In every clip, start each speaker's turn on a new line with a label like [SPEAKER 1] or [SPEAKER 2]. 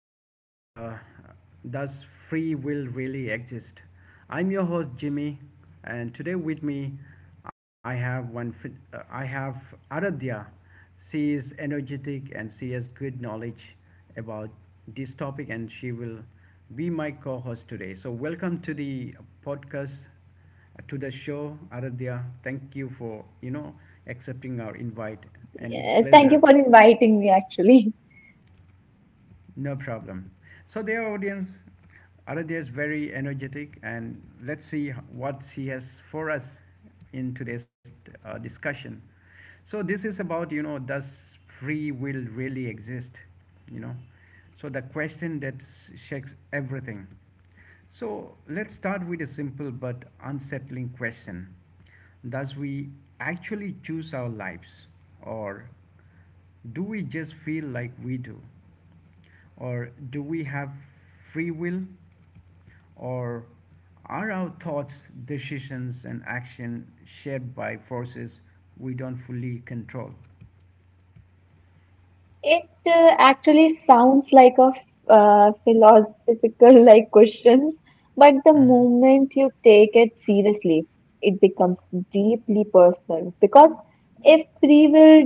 [SPEAKER 1] podcast. Does free will really exist? I'm your host Jimmy, and today with me, I have I have Aradhya. She is energetic and she has good knowledge about this topic, and she will be my co-host today. So welcome to the podcast, to the show, Aradhya. Thank you for accepting our invite, and it's
[SPEAKER 2] Yeah, thank
[SPEAKER 1] pleasure.
[SPEAKER 2] you for inviting me, actually.
[SPEAKER 1] No problem. So their audience, Aradhya is very energetic, and let's see what she has for us in today's discussion. So this is about does free will really exist, you know? So the question that shakes everything. So let's start with a simple but unsettling question: Does we actually choose our lives, or do we just feel like we do? Or do we have free will? Or are our thoughts, decisions, and action shared by forces we don't fully control?
[SPEAKER 2] It actually sounds like a philosophical like questions, but the
[SPEAKER 1] hmm
[SPEAKER 2] moment you take it seriously, it becomes deeply personal. Because if free will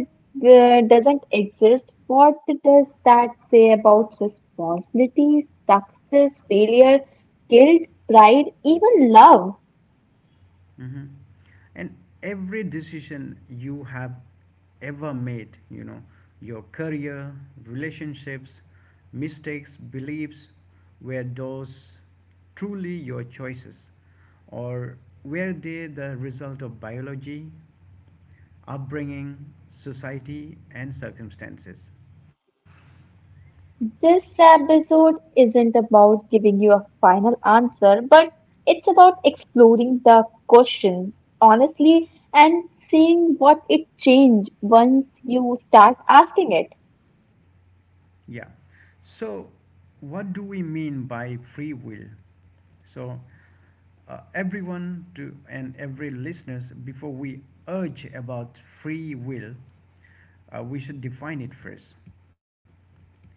[SPEAKER 2] doesn't exist, what does that say about responsibilities, success, failure, guilt, pride, even love?
[SPEAKER 1] hmm. And every decision you have ever made, you know, your career, relationships, mistakes, beliefs, were those truly your choices? Or were they the result of biology, upbringing, society, and circumstances.
[SPEAKER 2] This episode isn't about giving you a final answer, but it's about exploring the question honestly and seeing what it changed once you start asking it.
[SPEAKER 1] Yeah. So, what do we mean by free will? So, everyone to and every listeners, before we urge about free will, we should define it first.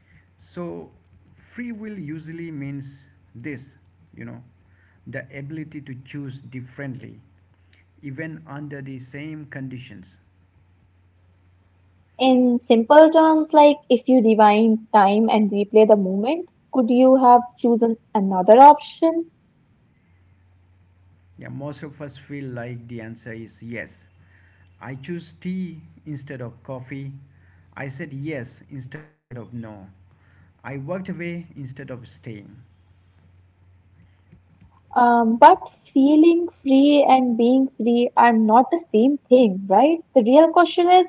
[SPEAKER 1] So, free will usually means this, you know, the ability to choose differently, even under the same conditions.
[SPEAKER 2] In simple terms, like if you rewind time and replay the moment, could you have chosen another option?
[SPEAKER 1] Yeah, most of us feel like the answer is yes. I choose tea instead of coffee. I said yes instead of no. I walked away instead of staying.
[SPEAKER 2] But feeling free and being free are not the same thing, right? The real question is,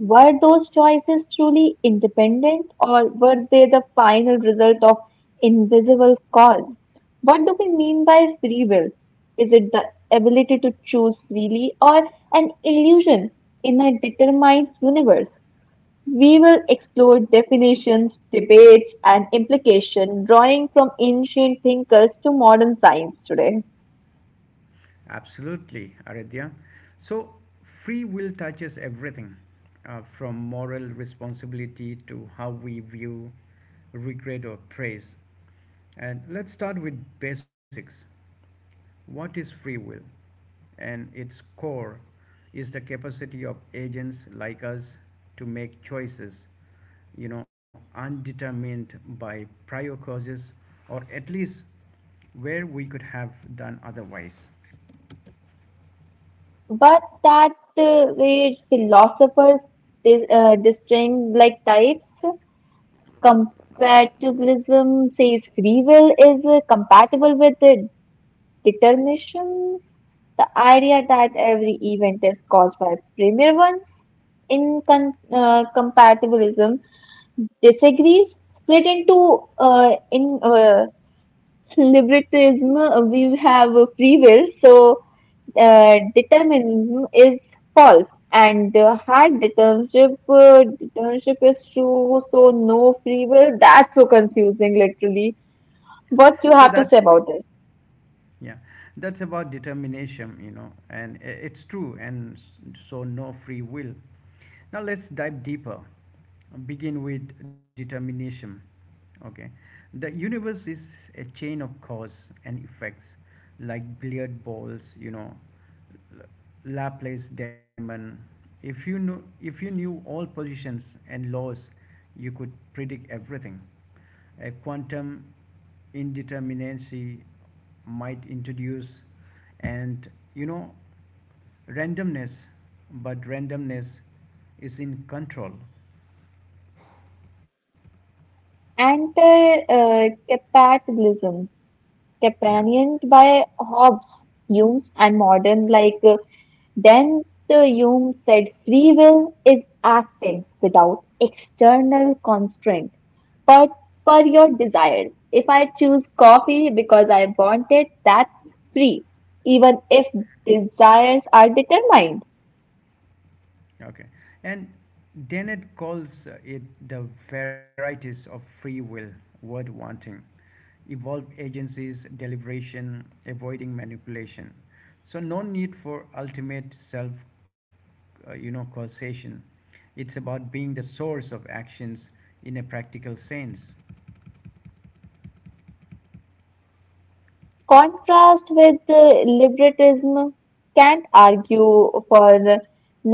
[SPEAKER 2] were those choices truly independent or were they the final result of invisible cause? What do we mean by free will? Is it the ability to choose freely or an illusion in a determined universe? We will explore definitions, debates, and implication, drawing from ancient thinkers to modern science today.
[SPEAKER 1] Absolutely, Aradhya. So, free will touches everything from moral responsibility to how we view regret or praise. And let's start with basics. What is free will? And its core is the capacity of agents like us to make choices, you know, undetermined by prior causes, or at least where we could have done otherwise.
[SPEAKER 2] But that way philosophers distinct like types. Compatibilism says free will is compatible with the determinations, the idea that every event is caused by premier ones. In con uh, compatibilism disagrees, split into in libertism. We have a free will, so determinism is false, and hard determinism, determinism is true, so no free will. That's so confusing, literally. What you
[SPEAKER 1] So
[SPEAKER 2] have to
[SPEAKER 1] that's,
[SPEAKER 2] say
[SPEAKER 1] you know,
[SPEAKER 2] about this?
[SPEAKER 1] yeah, that's about determination, you know, and it's true and so no free will. Now let's dive deeper. Begin with determination. Okay, the universe is a chain of cause and effects, like billiard balls, you know. Laplace Damon. If you knew, if you knew all positions and laws, you could predict everything. A quantum indeterminacy might introduce and, you know, randomness, but randomness is in control.
[SPEAKER 2] And capitalism
[SPEAKER 1] Yeah.
[SPEAKER 2] companioned by Hobbes, Hume's and modern, like then the Hume said free will is acting without external constraint, but per your desires. If I choose coffee because I want it, that's free, even if desires are determined.
[SPEAKER 1] Okay. And Dennett calls it the varieties of free will, word wanting. Evolved agencies, deliberation, avoiding manipulation. So no need for ultimate self, you know, causation. It's about being the source of actions in a practical sense.
[SPEAKER 2] Contrast with liberalism can't argue for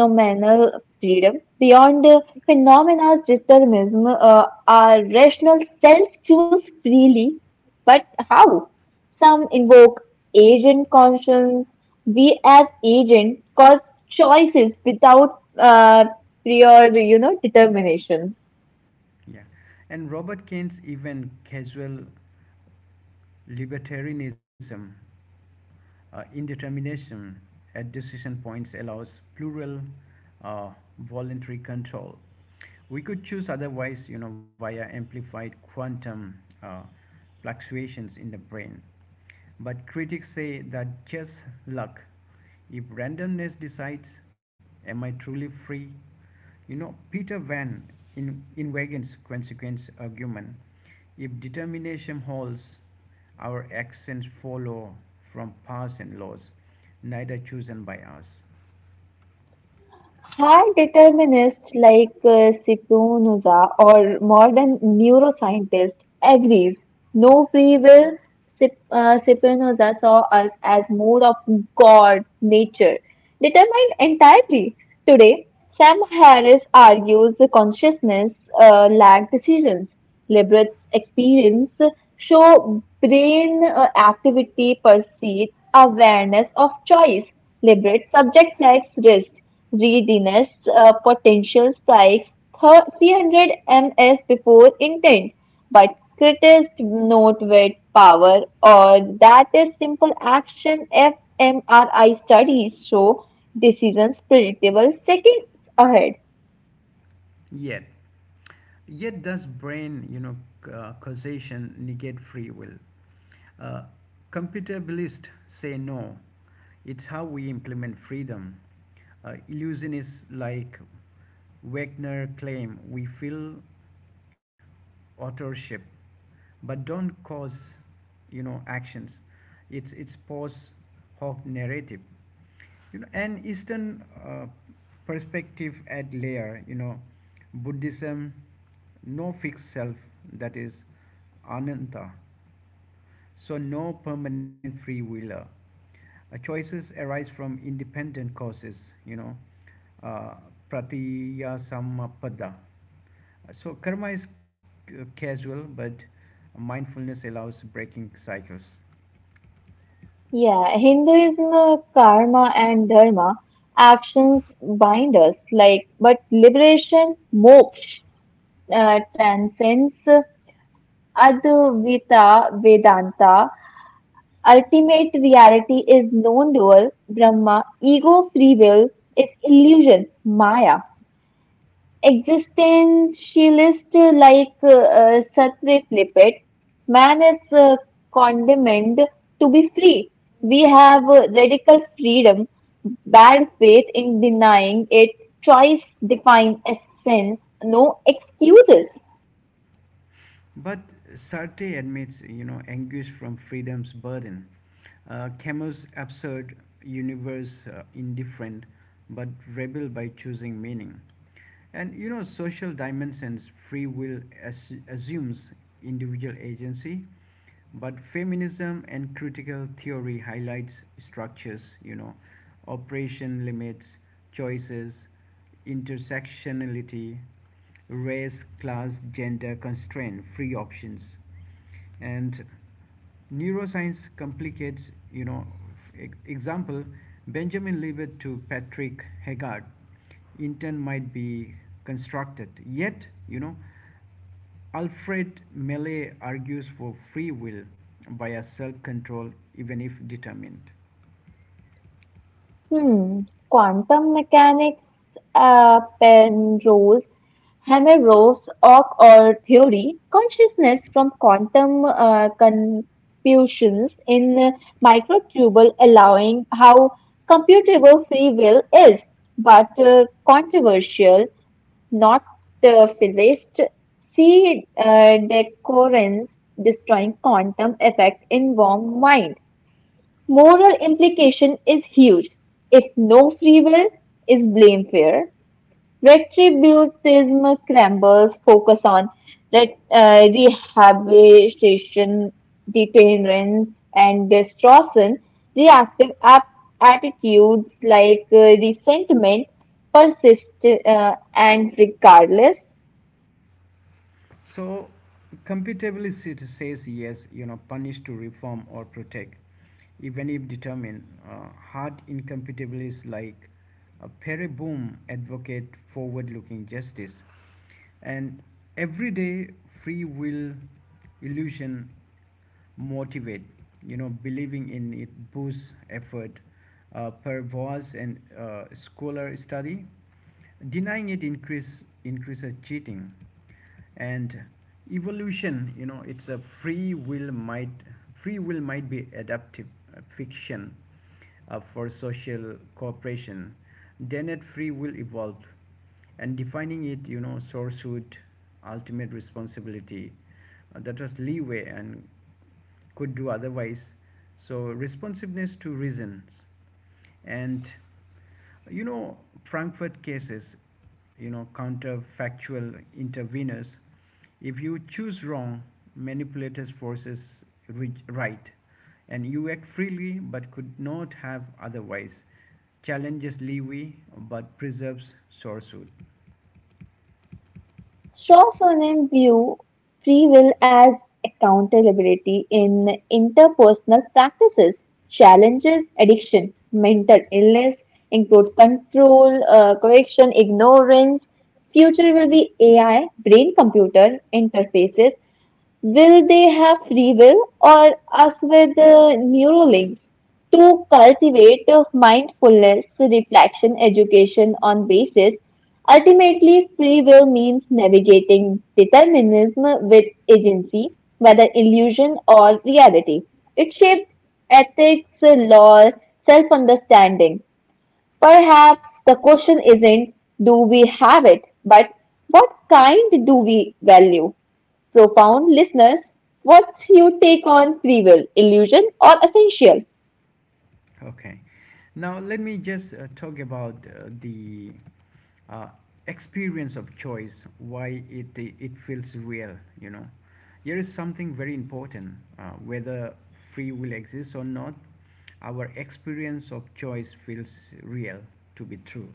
[SPEAKER 2] nominal freedom beyond phenomena determinism. Our rational self choose freely, but how? Some invoke agent conscience. We as agent cause choices without uh, prior, you know, determinations.
[SPEAKER 1] Yeah, and Robert Kane's even casual libertarianism, indeterminism at decision points allows plural, uh, voluntary control. We could choose otherwise, you know, via amplified quantum uh, fluctuations in the brain. But critics say that just luck. If randomness decides, am I truly free? You know, Peter Van in Inwagen's consequence argument. If determination holds, our actions follow from past and laws, neither chosen by us.
[SPEAKER 2] Hard determinists like Spinoza or modern neuroscientists agrees no free will. Spinoza saw us as more of God, nature, determined entirely. Today, Sam Harris argues consciousness lack decisions. Liberals experience show brain activity perceived awareness of choice. Liberate subject likes risk. Readiness potential spikes 300 ms before intent, but critics note with power or that is simple action. fMRI studies show decisions predictable seconds ahead.
[SPEAKER 1] Yet, yet does brain, you know, causation negate free will? Uh, Computabilists say no. It's how we implement freedom. Illusionists like Wagner claim we feel authorship but don't cause, you know, actions. It's post hoc narrative. You know, an Eastern perspective at layer. You know, Buddhism, no fixed self, that is ananta. So no permanent free willer. Choices arise from independent causes. You know, uh, pratiya sammapada. So karma is casual, but mindfulness allows breaking cycles.
[SPEAKER 2] Yeah, Hinduism, karma, and dharma actions bind us, like but liberation, moksha, transcends Advaita Vedanta. Ultimate reality is non-dual, Brahma, ego, free will is illusion, Maya. Existentialist like Satve Flippet, man is condemned to be free. We have radical freedom, bad faith in denying it, choice define essence, no excuses.
[SPEAKER 1] But Sartre admits, you know, anguish from freedom's burden. Camus' absurd universe indifferent, but rebel by choosing meaning. And, you know, social dimensions, free will assumes individual agency, but feminism and critical theory highlights structures, you know, operation limits, choices, intersectionality, race, class, gender constraint, free options. And neuroscience complicates, you know, example, Benjamin Libet to Patrick Haggard, intent might be constructed. Yet, you know, Alfred Meller argues for free will via self control, even if determined.
[SPEAKER 2] Hmm. Quantum mechanics, Penrose, Hameroff's ock Or theory, consciousness from quantum confusions in microtubule, allowing how computable free will is, but controversial, not the physicist. See decoherence destroying quantum effect in warm mind. Moral implication is huge. If no free will, is blame fair? Retributivism crumbles, focus on rehabilitation, deterrence, and destruction. Reactive attitudes like resentment persist and regardless.
[SPEAKER 1] So, compatibilist says yes, you know, punish to reform or protect, even if determined. Hard incompatibilists like Perry Boom advocate forward looking justice. And everyday free will illusion motivate, you know, believing in it boosts effort per voice and scholar study, denying it increases cheating. And evolution, you know, it's a free will might be adaptive fiction for social cooperation, then it free will evolved. And defining it, you know, sourcehood, ultimate responsibility, that was leeway and could do otherwise. So responsiveness to reasons. And, you know, Frankfurt cases, you know, counterfactual interveners. If you choose wrong, manipulators forces right, and you act freely but could not have otherwise. Challenges leeway but preserves sourcehood.
[SPEAKER 2] Straw view free will as accountability in interpersonal practices, challenges, addiction, mental illness, include control, correction, ignorance. Future will be AI, brain computer interfaces. Will they have free will or us with the neural links, to cultivate a mindfulness, reflection, education on basis? Ultimately, free will means navigating determinism with agency, whether illusion or reality. It shapes ethics, law, self understanding. Perhaps the question isn't do we have it, but what kind do we value? Profound listeners, what's your take on free will, illusion, or essential?
[SPEAKER 1] Okay. Now let me just talk about the uh, experience of choice, why it feels real, you know. Here is something very important. Whether free will exists or not, our experience of choice feels real to be true.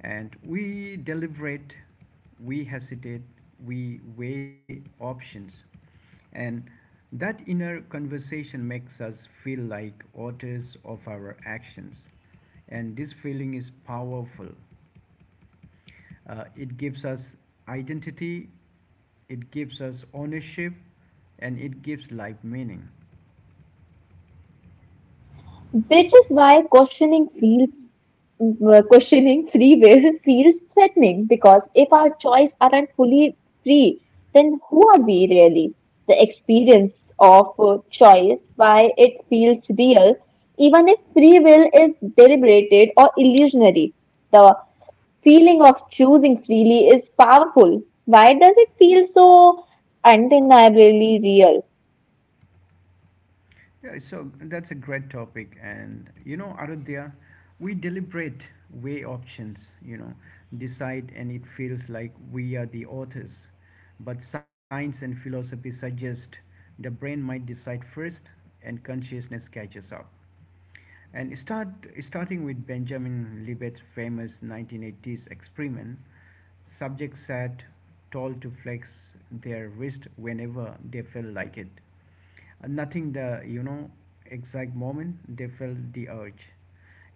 [SPEAKER 1] And we deliberate, we hesitate, we weigh options, and that inner conversation makes us feel like authors of our actions. And this feeling is powerful. It gives us identity, it gives us ownership, and it gives life meaning.
[SPEAKER 2] Which is why questioning feels questioning free will feels threatening. Because if our choices aren't fully free, then who are we really? The experience of choice, why it feels real, even if free will is deliberated or illusionary. The feeling of choosing freely is powerful. Why does it feel so undeniably real?
[SPEAKER 1] Yeah, so that's a great topic. And you know, Arudhya, we deliberate weigh options, you know, decide, and it feels like we are the authors. But science and philosophy suggest the brain might decide first, and consciousness catches up. And starting with Benjamin Libet's famous 1980s experiment. Subjects sat told to flex their wrist whenever they felt like it. Nothing the, you know, exact moment they felt the urge.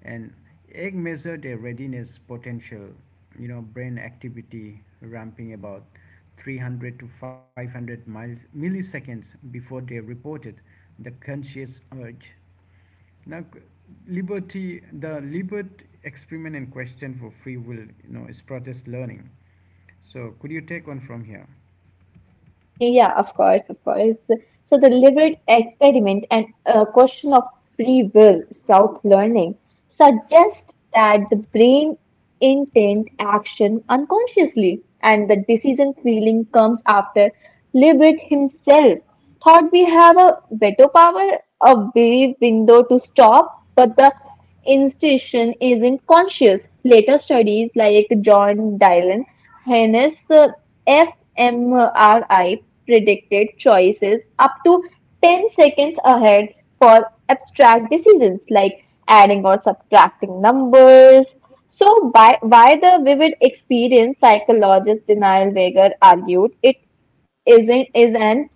[SPEAKER 1] And egg measured their readiness potential, you know, brain activity ramping about 300 to 500 miles milliseconds before they reported the conscious urge. Now, liberty, the Libert experiment and question for free will, you know, is protest learning. So could you take one from here?
[SPEAKER 2] Yeah, of course, of course. So the deliberate experiment and question of free will, sprout learning, suggest that the brain intent action unconsciously and the decision feeling comes after deliberate himself. Thought we have a veto power, a brief window to stop, but the institution isn't conscious. Later studies like John Dylan Hence, the fMRI predicted choices up to 10 seconds ahead for abstract decisions like adding or subtracting numbers. So, by, why the vivid experience psychologist Denial Weger argued it isn't, is an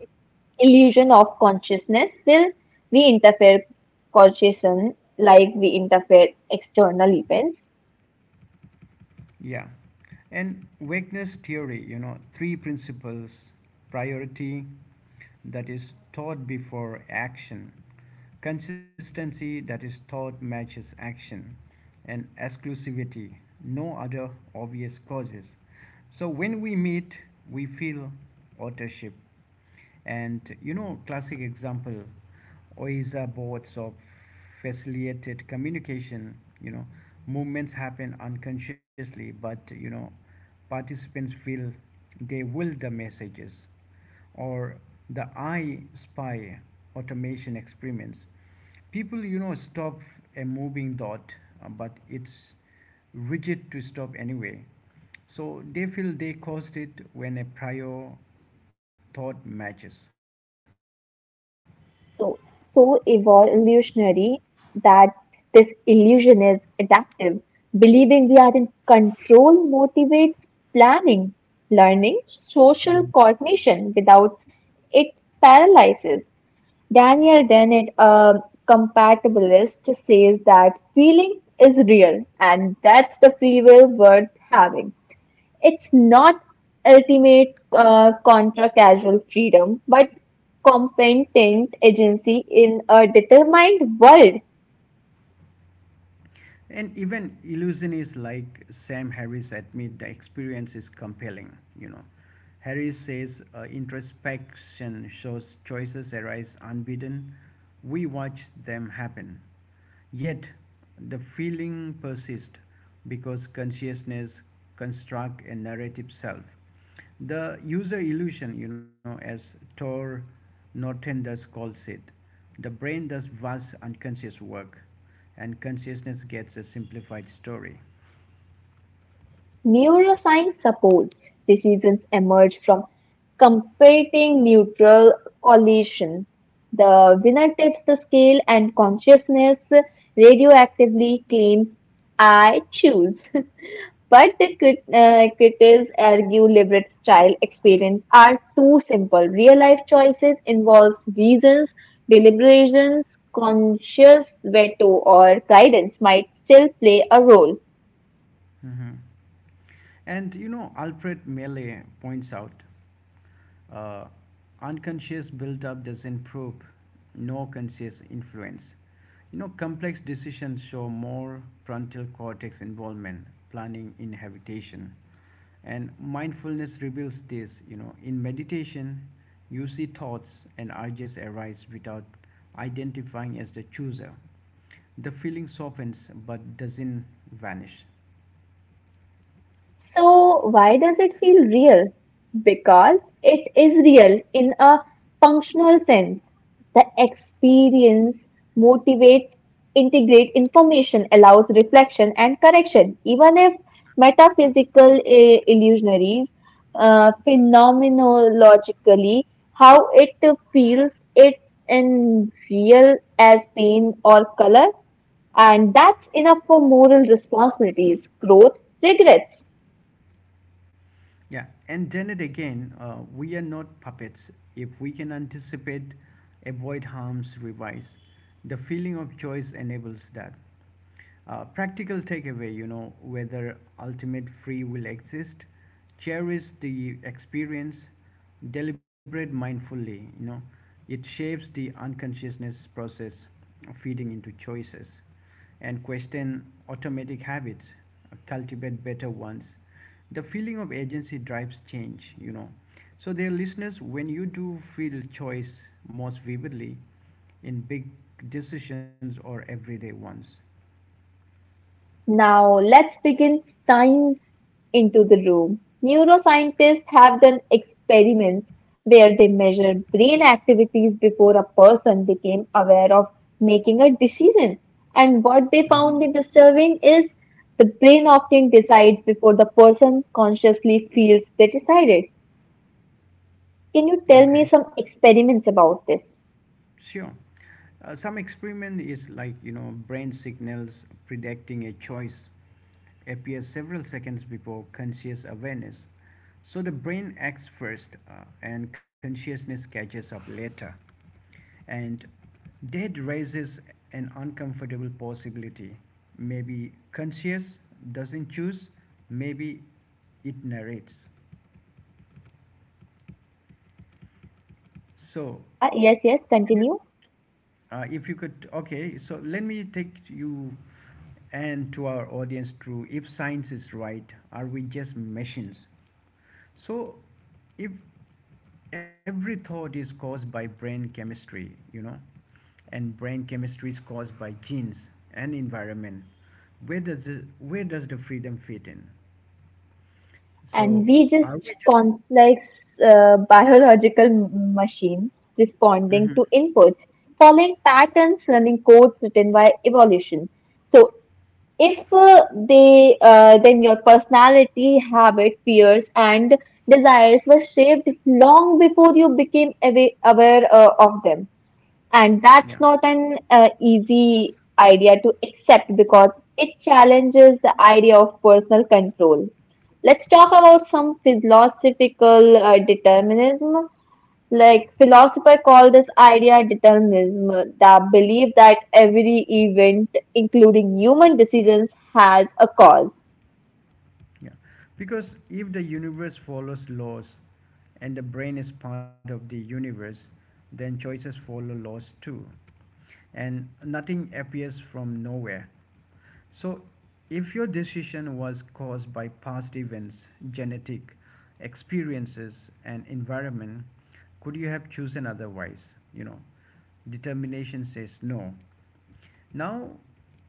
[SPEAKER 2] illusion of consciousness will. We interfere consciousness like we interfere external events.
[SPEAKER 1] Yeah. And vagueness theory, you know, three principles: priority, that is thought before action, consistency, that is thought matches action, and exclusivity, no other obvious causes. So when we meet, we feel authorship. And, you know, classic example, or boards of facilitated communication, you know, movements happen unconsciously, but, you know, participants feel they will the messages. Or the I spy automation experiments, people, you know, stop a moving dot, but it's rigid to stop anyway, so they feel they caused it when a prior thought matches.
[SPEAKER 2] So evolutionary, that this illusion is adaptive. Believing we are in control motivates planning, learning,
[SPEAKER 1] Mm-hmm.
[SPEAKER 2] social cognition. Without it, paralyzes. Daniel Dennett, a compatibilist, says that feeling is real and that's the free will worth having. It's not ultimate contra casual freedom, but competent agency in a determined world.
[SPEAKER 1] And even Illusion is like Sam Harris admit the experience is compelling, you know. Harris says introspection shows choices arise unbidden. We watch them happen. Yet the feeling persists because consciousness constructs a narrative self. The user illusion, you know, as Tor Norton does calls it, the brain does vast unconscious work and consciousness gets a simplified story.
[SPEAKER 2] Neuroscience supports decisions emerge from competing neutral collision. The winner tips the scale and consciousness radioactively claims I choose. But the critics argue Libret's style experience are too simple. Real life choices involves reasons, deliberations, conscious veto, or guidance might still play a role.
[SPEAKER 1] Mhm. And, you know, Alfred Mele points out uh, unconscious build up doesn't prove no conscious influence. You know, complex decisions show more frontal cortex involvement, planning, inhabitation. And mindfulness reveals this. You know, in meditation, you see thoughts and urges arise without identifying as the chooser. The feeling softens but doesn't vanish.
[SPEAKER 2] So, why does it feel real? Because it is real in a functional sense. The experience motivates, integrate information, allows reflection and correction. Even if metaphysical illusionaries, phenomenologically, how it feels, it in real as pain or color, and that's enough for moral responsibilities, growth, regrets.
[SPEAKER 1] Yeah, and then it again, we are not puppets. If we can anticipate, avoid harms, revise. The feeling of choice enables that. Practical takeaway, you know, whether ultimate free will exist, cherish the experience, deliberate mindfully, you know, it shapes the unconsciousness process feeding into choices, and question automatic habits, cultivate better ones. The feeling of agency drives change, you know. So dear listeners, when you do feel choice most vividly, in big decisions or everyday ones.
[SPEAKER 2] Now, let's begin science into the room. Neuroscientists have done experiments where they measured brain activities before a person became aware of making a decision. And what they
[SPEAKER 1] Hmm.
[SPEAKER 2] found in disturbing is the brain often decides before the person consciously feels they decided. Can you tell me
[SPEAKER 1] Okay,
[SPEAKER 2] some experiments about this?
[SPEAKER 1] sure. Some experiment is like, you know, brain signals predicting a choice appears several seconds before conscious awareness. So the brain acts first, and consciousness catches up later. And that raises an uncomfortable possibility. Maybe conscious doesn't choose, maybe it narrates. So,
[SPEAKER 2] Yeah, yes, yes,
[SPEAKER 1] can you?
[SPEAKER 2] continue.
[SPEAKER 1] If you could, okay, so let me take you and to our audience through, if science is right, are we just machines? So, if every thought is caused by brain chemistry, you know, and brain chemistry is caused by genes and environment, where does the freedom fit in?
[SPEAKER 2] And
[SPEAKER 1] So,
[SPEAKER 2] we
[SPEAKER 1] are
[SPEAKER 2] just
[SPEAKER 1] we just,
[SPEAKER 2] complex biological machines responding
[SPEAKER 1] Mhm.
[SPEAKER 2] to inputs, following patterns, learning codes written by evolution. So, if they then your personality, habit, fears, and desires were shaped long before you became aware of them. And that's
[SPEAKER 1] yeah.
[SPEAKER 2] not an easy idea to accept because it challenges the idea of personal control. Let's talk about some philosophical determinism. Like philosophers call this idea determinism, the belief that every event, including human decisions, has a cause.
[SPEAKER 1] Yeah, because if the universe follows laws and the brain is part of the universe, then choices follow laws too. And nothing appears from nowhere. So, if your decision was caused by past events, genetic experiences, and environment, could you have chosen otherwise? You know, determination says no. Now,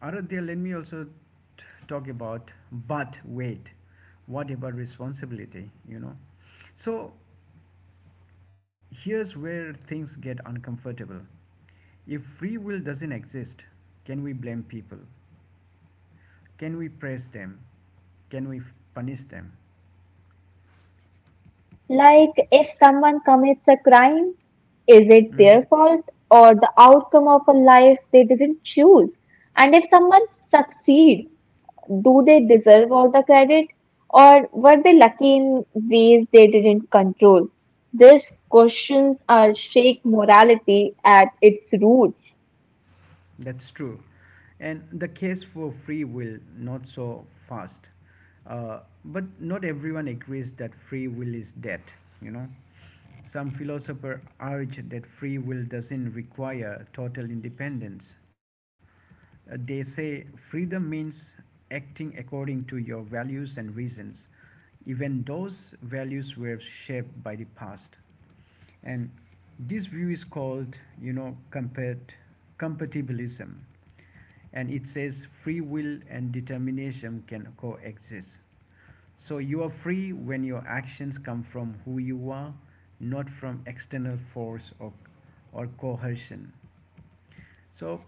[SPEAKER 1] Aradhya, let me also talk about, but wait, what about responsibility? You know, so here's where things get uncomfortable. If free will doesn't exist, can we blame people? Can we praise them? Can we punish them?
[SPEAKER 2] Like if someone commits a crime, is it their
[SPEAKER 1] Mhm.
[SPEAKER 2] fault or the outcome of a life they didn't choose? And if someone succeed, do they deserve all the credit or were they lucky in ways they didn't control? These questions are shake morality at its roots.
[SPEAKER 1] That's true. And the case for free will not so fast. Uh, but not everyone agrees that free will is dead, you know. Some philosophers urge that free will doesn't require total independence. They say freedom means acting according to your values and reasons, even those values were shaped by the past. And this view is called, compatibilism. And it says free will and determinism can coexist. So you are free when your actions come from who you are, not from external force or coercion. So,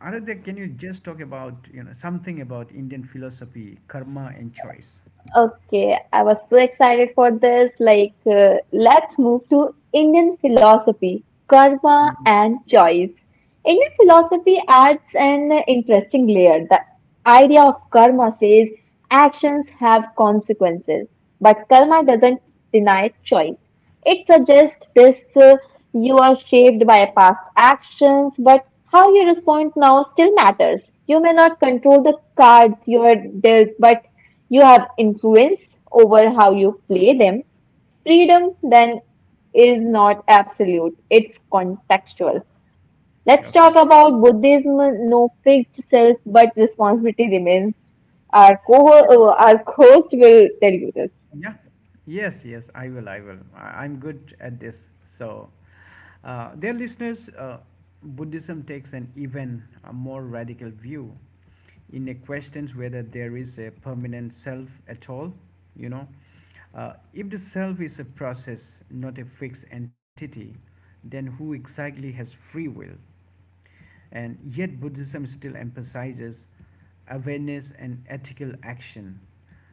[SPEAKER 1] Aradhya, can you just talk about something about Indian philosophy, karma, and choice?
[SPEAKER 2] Okay, I was so excited for this. Like, let's move to Indian philosophy, karma
[SPEAKER 1] Mhm.
[SPEAKER 2] and choice. Indian philosophy adds an interesting layer. The idea of karma says actions have consequences, but karma doesn't deny choice. It suggests this, you are shaped by past actions, but how you respond now still matters. You may not control the cards you are dealt, but you have influence over how you play them. Freedom then is not absolute, it's contextual. Let's
[SPEAKER 1] Okay,
[SPEAKER 2] talk about Buddhism. No fixed self, but responsibility remains. Our co
[SPEAKER 1] sure.
[SPEAKER 2] our host will tell you this.
[SPEAKER 1] Yeah. Yes, yes, I will. I will. I'm good at this. So, dear listeners, Buddhism takes an even a more radical view. In a questions whether there is a permanent self at all. you know uh, if the self is a process, not a fixed entity, then who exactly has free will? And yet, Buddhism still emphasizes awareness and ethical action,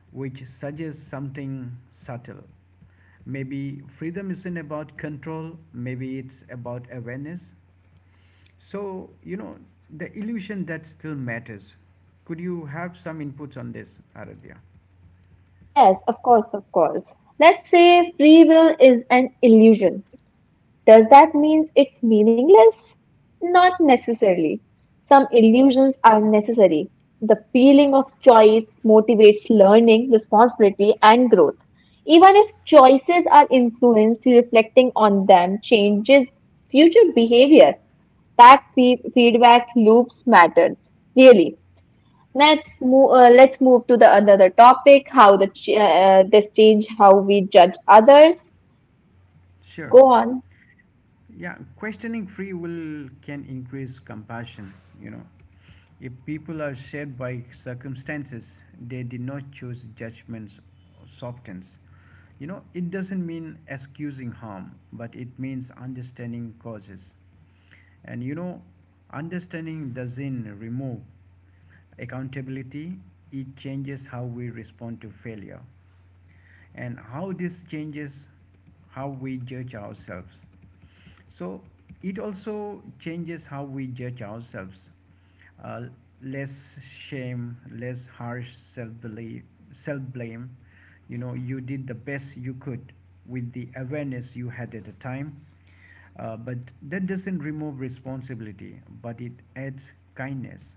[SPEAKER 1] which suggests something subtle. Maybe freedom isn't about control, maybe it's about awareness. So, the illusion that still matters. Could you have some inputs on this, Aradhya?
[SPEAKER 2] Yes, of course, of course. Let's say free will is an illusion. Does that mean it's meaningless? Not necessarily. Some illusions are necessary. The feeling of choice motivates learning, responsibility, and growth. Even if choices are influenced, reflecting on them changes future behavior. That feedback loops matters, really. Let's move to the another topic. How the this change how we judge others.
[SPEAKER 1] Sure.
[SPEAKER 2] Go on.
[SPEAKER 1] Yeah, questioning free will can increase compassion, you know, if people are shaped by circumstances, they did not choose judgments softens. You know, it doesn't mean excusing harm, but it means understanding causes. And understanding doesn't remove accountability, it changes how we respond to failure and how this changes how we judge ourselves. So it also changes how we judge ourselves. Uh, Less shame, less harsh self belief, self blame. You know, you did the best you could with the awareness you had at the time. But that doesn't remove responsibility, but it adds kindness.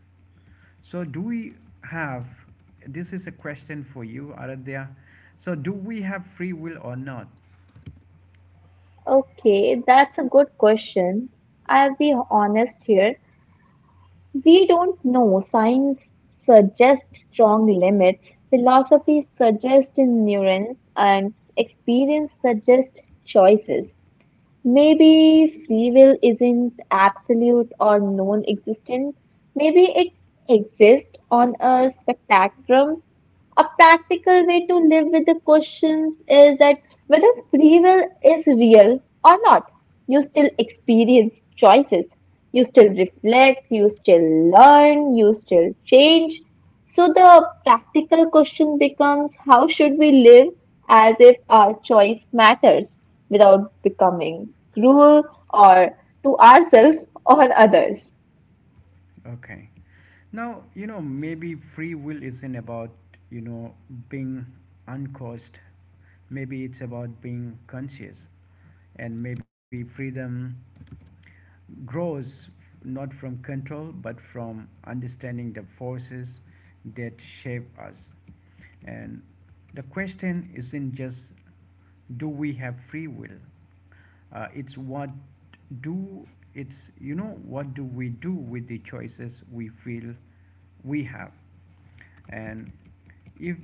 [SPEAKER 1] So do we have, this is a question for you, Aradhya. So do we have free will or not?
[SPEAKER 2] Okay, that's a good question. I'll be honest here. We don't know. Science suggests strong limits. Philosophy suggests nuance and experience suggests choices. Maybe free will isn't absolute or non-existent. Maybe it exists on a spectrum. A practical way to live with the questions is that whether free will is real or not, you still experience choices, you still reflect, you still learn, you still change. So the practical question becomes how should we live as if our choice matters without becoming cruel or to ourselves or others?
[SPEAKER 1] Okay. Now, maybe free will isn't about, you know, being uncaused. Maybe it's about being conscious. And maybe freedom grows not from control, but from understanding the forces that shape us. And the question isn't just do we have free will? It's what do it's what do we do with the choices we feel we have, and if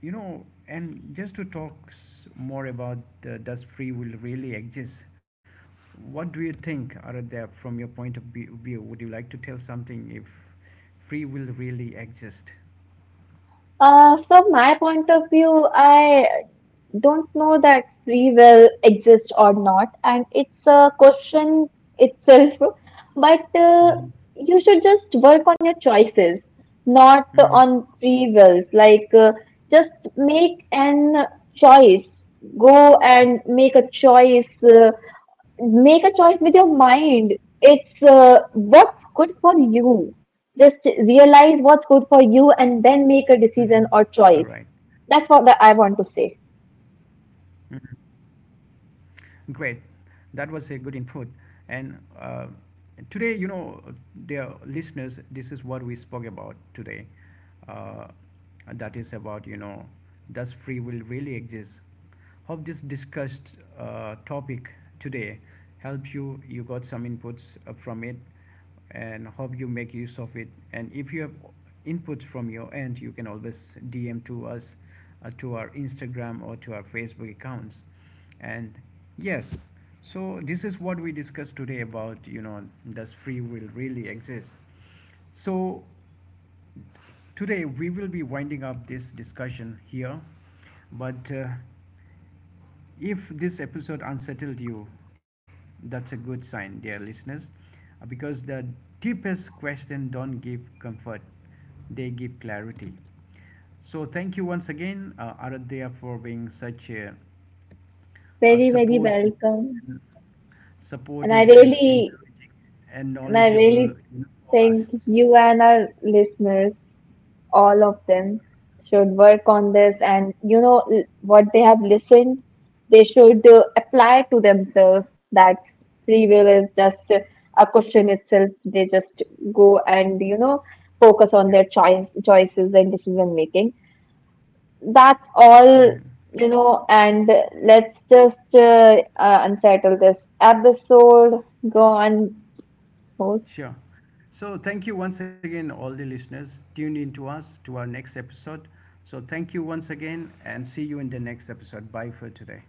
[SPEAKER 1] and just to talk more about does free will really exist? What do you think, Aradhya, from your point of view? Would you like to tell something if free will really exist?
[SPEAKER 2] From my point of view, I don't know that free will exists or not, and it's a question itself. But
[SPEAKER 1] Mm-hmm.
[SPEAKER 2] you should just work on your choices, not
[SPEAKER 1] Mm-hmm.
[SPEAKER 2] on free wills. Like, just make an choice. Go and make a choice. Make a choice with your mind. It's what's good for you. Just realize what's good for you
[SPEAKER 1] Mm-hmm. All
[SPEAKER 2] and
[SPEAKER 1] right.
[SPEAKER 2] then make a decision or choice. That's what I want to say.
[SPEAKER 1] Mhm. Great. That was a good input. And today, dear listeners, this is what we spoke about today. Uh, that is about, does free will really exist? Hope this discussed topic today helped you. You got some inputs from it and hope you make use of it. And if you have inputs from your end, you can always DM to us, to our Instagram or to our Facebook accounts. And yes, so this is what we discussed today about does free will really exist? So today, we will be winding up this discussion here, but if this episode unsettled you, that's a good sign, dear listeners, because the deepest questions don't give comfort, they give clarity. So, thank you once again, Aradhya, for being such a
[SPEAKER 2] Very, very
[SPEAKER 1] support,
[SPEAKER 2] welcome. And I
[SPEAKER 1] supportive and
[SPEAKER 2] really,
[SPEAKER 1] encouraging and
[SPEAKER 2] and I
[SPEAKER 1] knowledgeable,
[SPEAKER 2] really
[SPEAKER 1] for
[SPEAKER 2] think
[SPEAKER 1] us.
[SPEAKER 2] you and our listeners, all of them, should work on this. And you know what they have listened, they should apply to themselves that free will is just a question itself. They just go
[SPEAKER 1] Yeah.
[SPEAKER 2] and you know focus on their choices and decision making. That's all. You know, and let's just unsettle this episode. Go on, host.
[SPEAKER 1] Sure. So thank you once again, all the listeners. Tune in to us to our next episode. So thank you once again and see you in the next episode. Bye for today.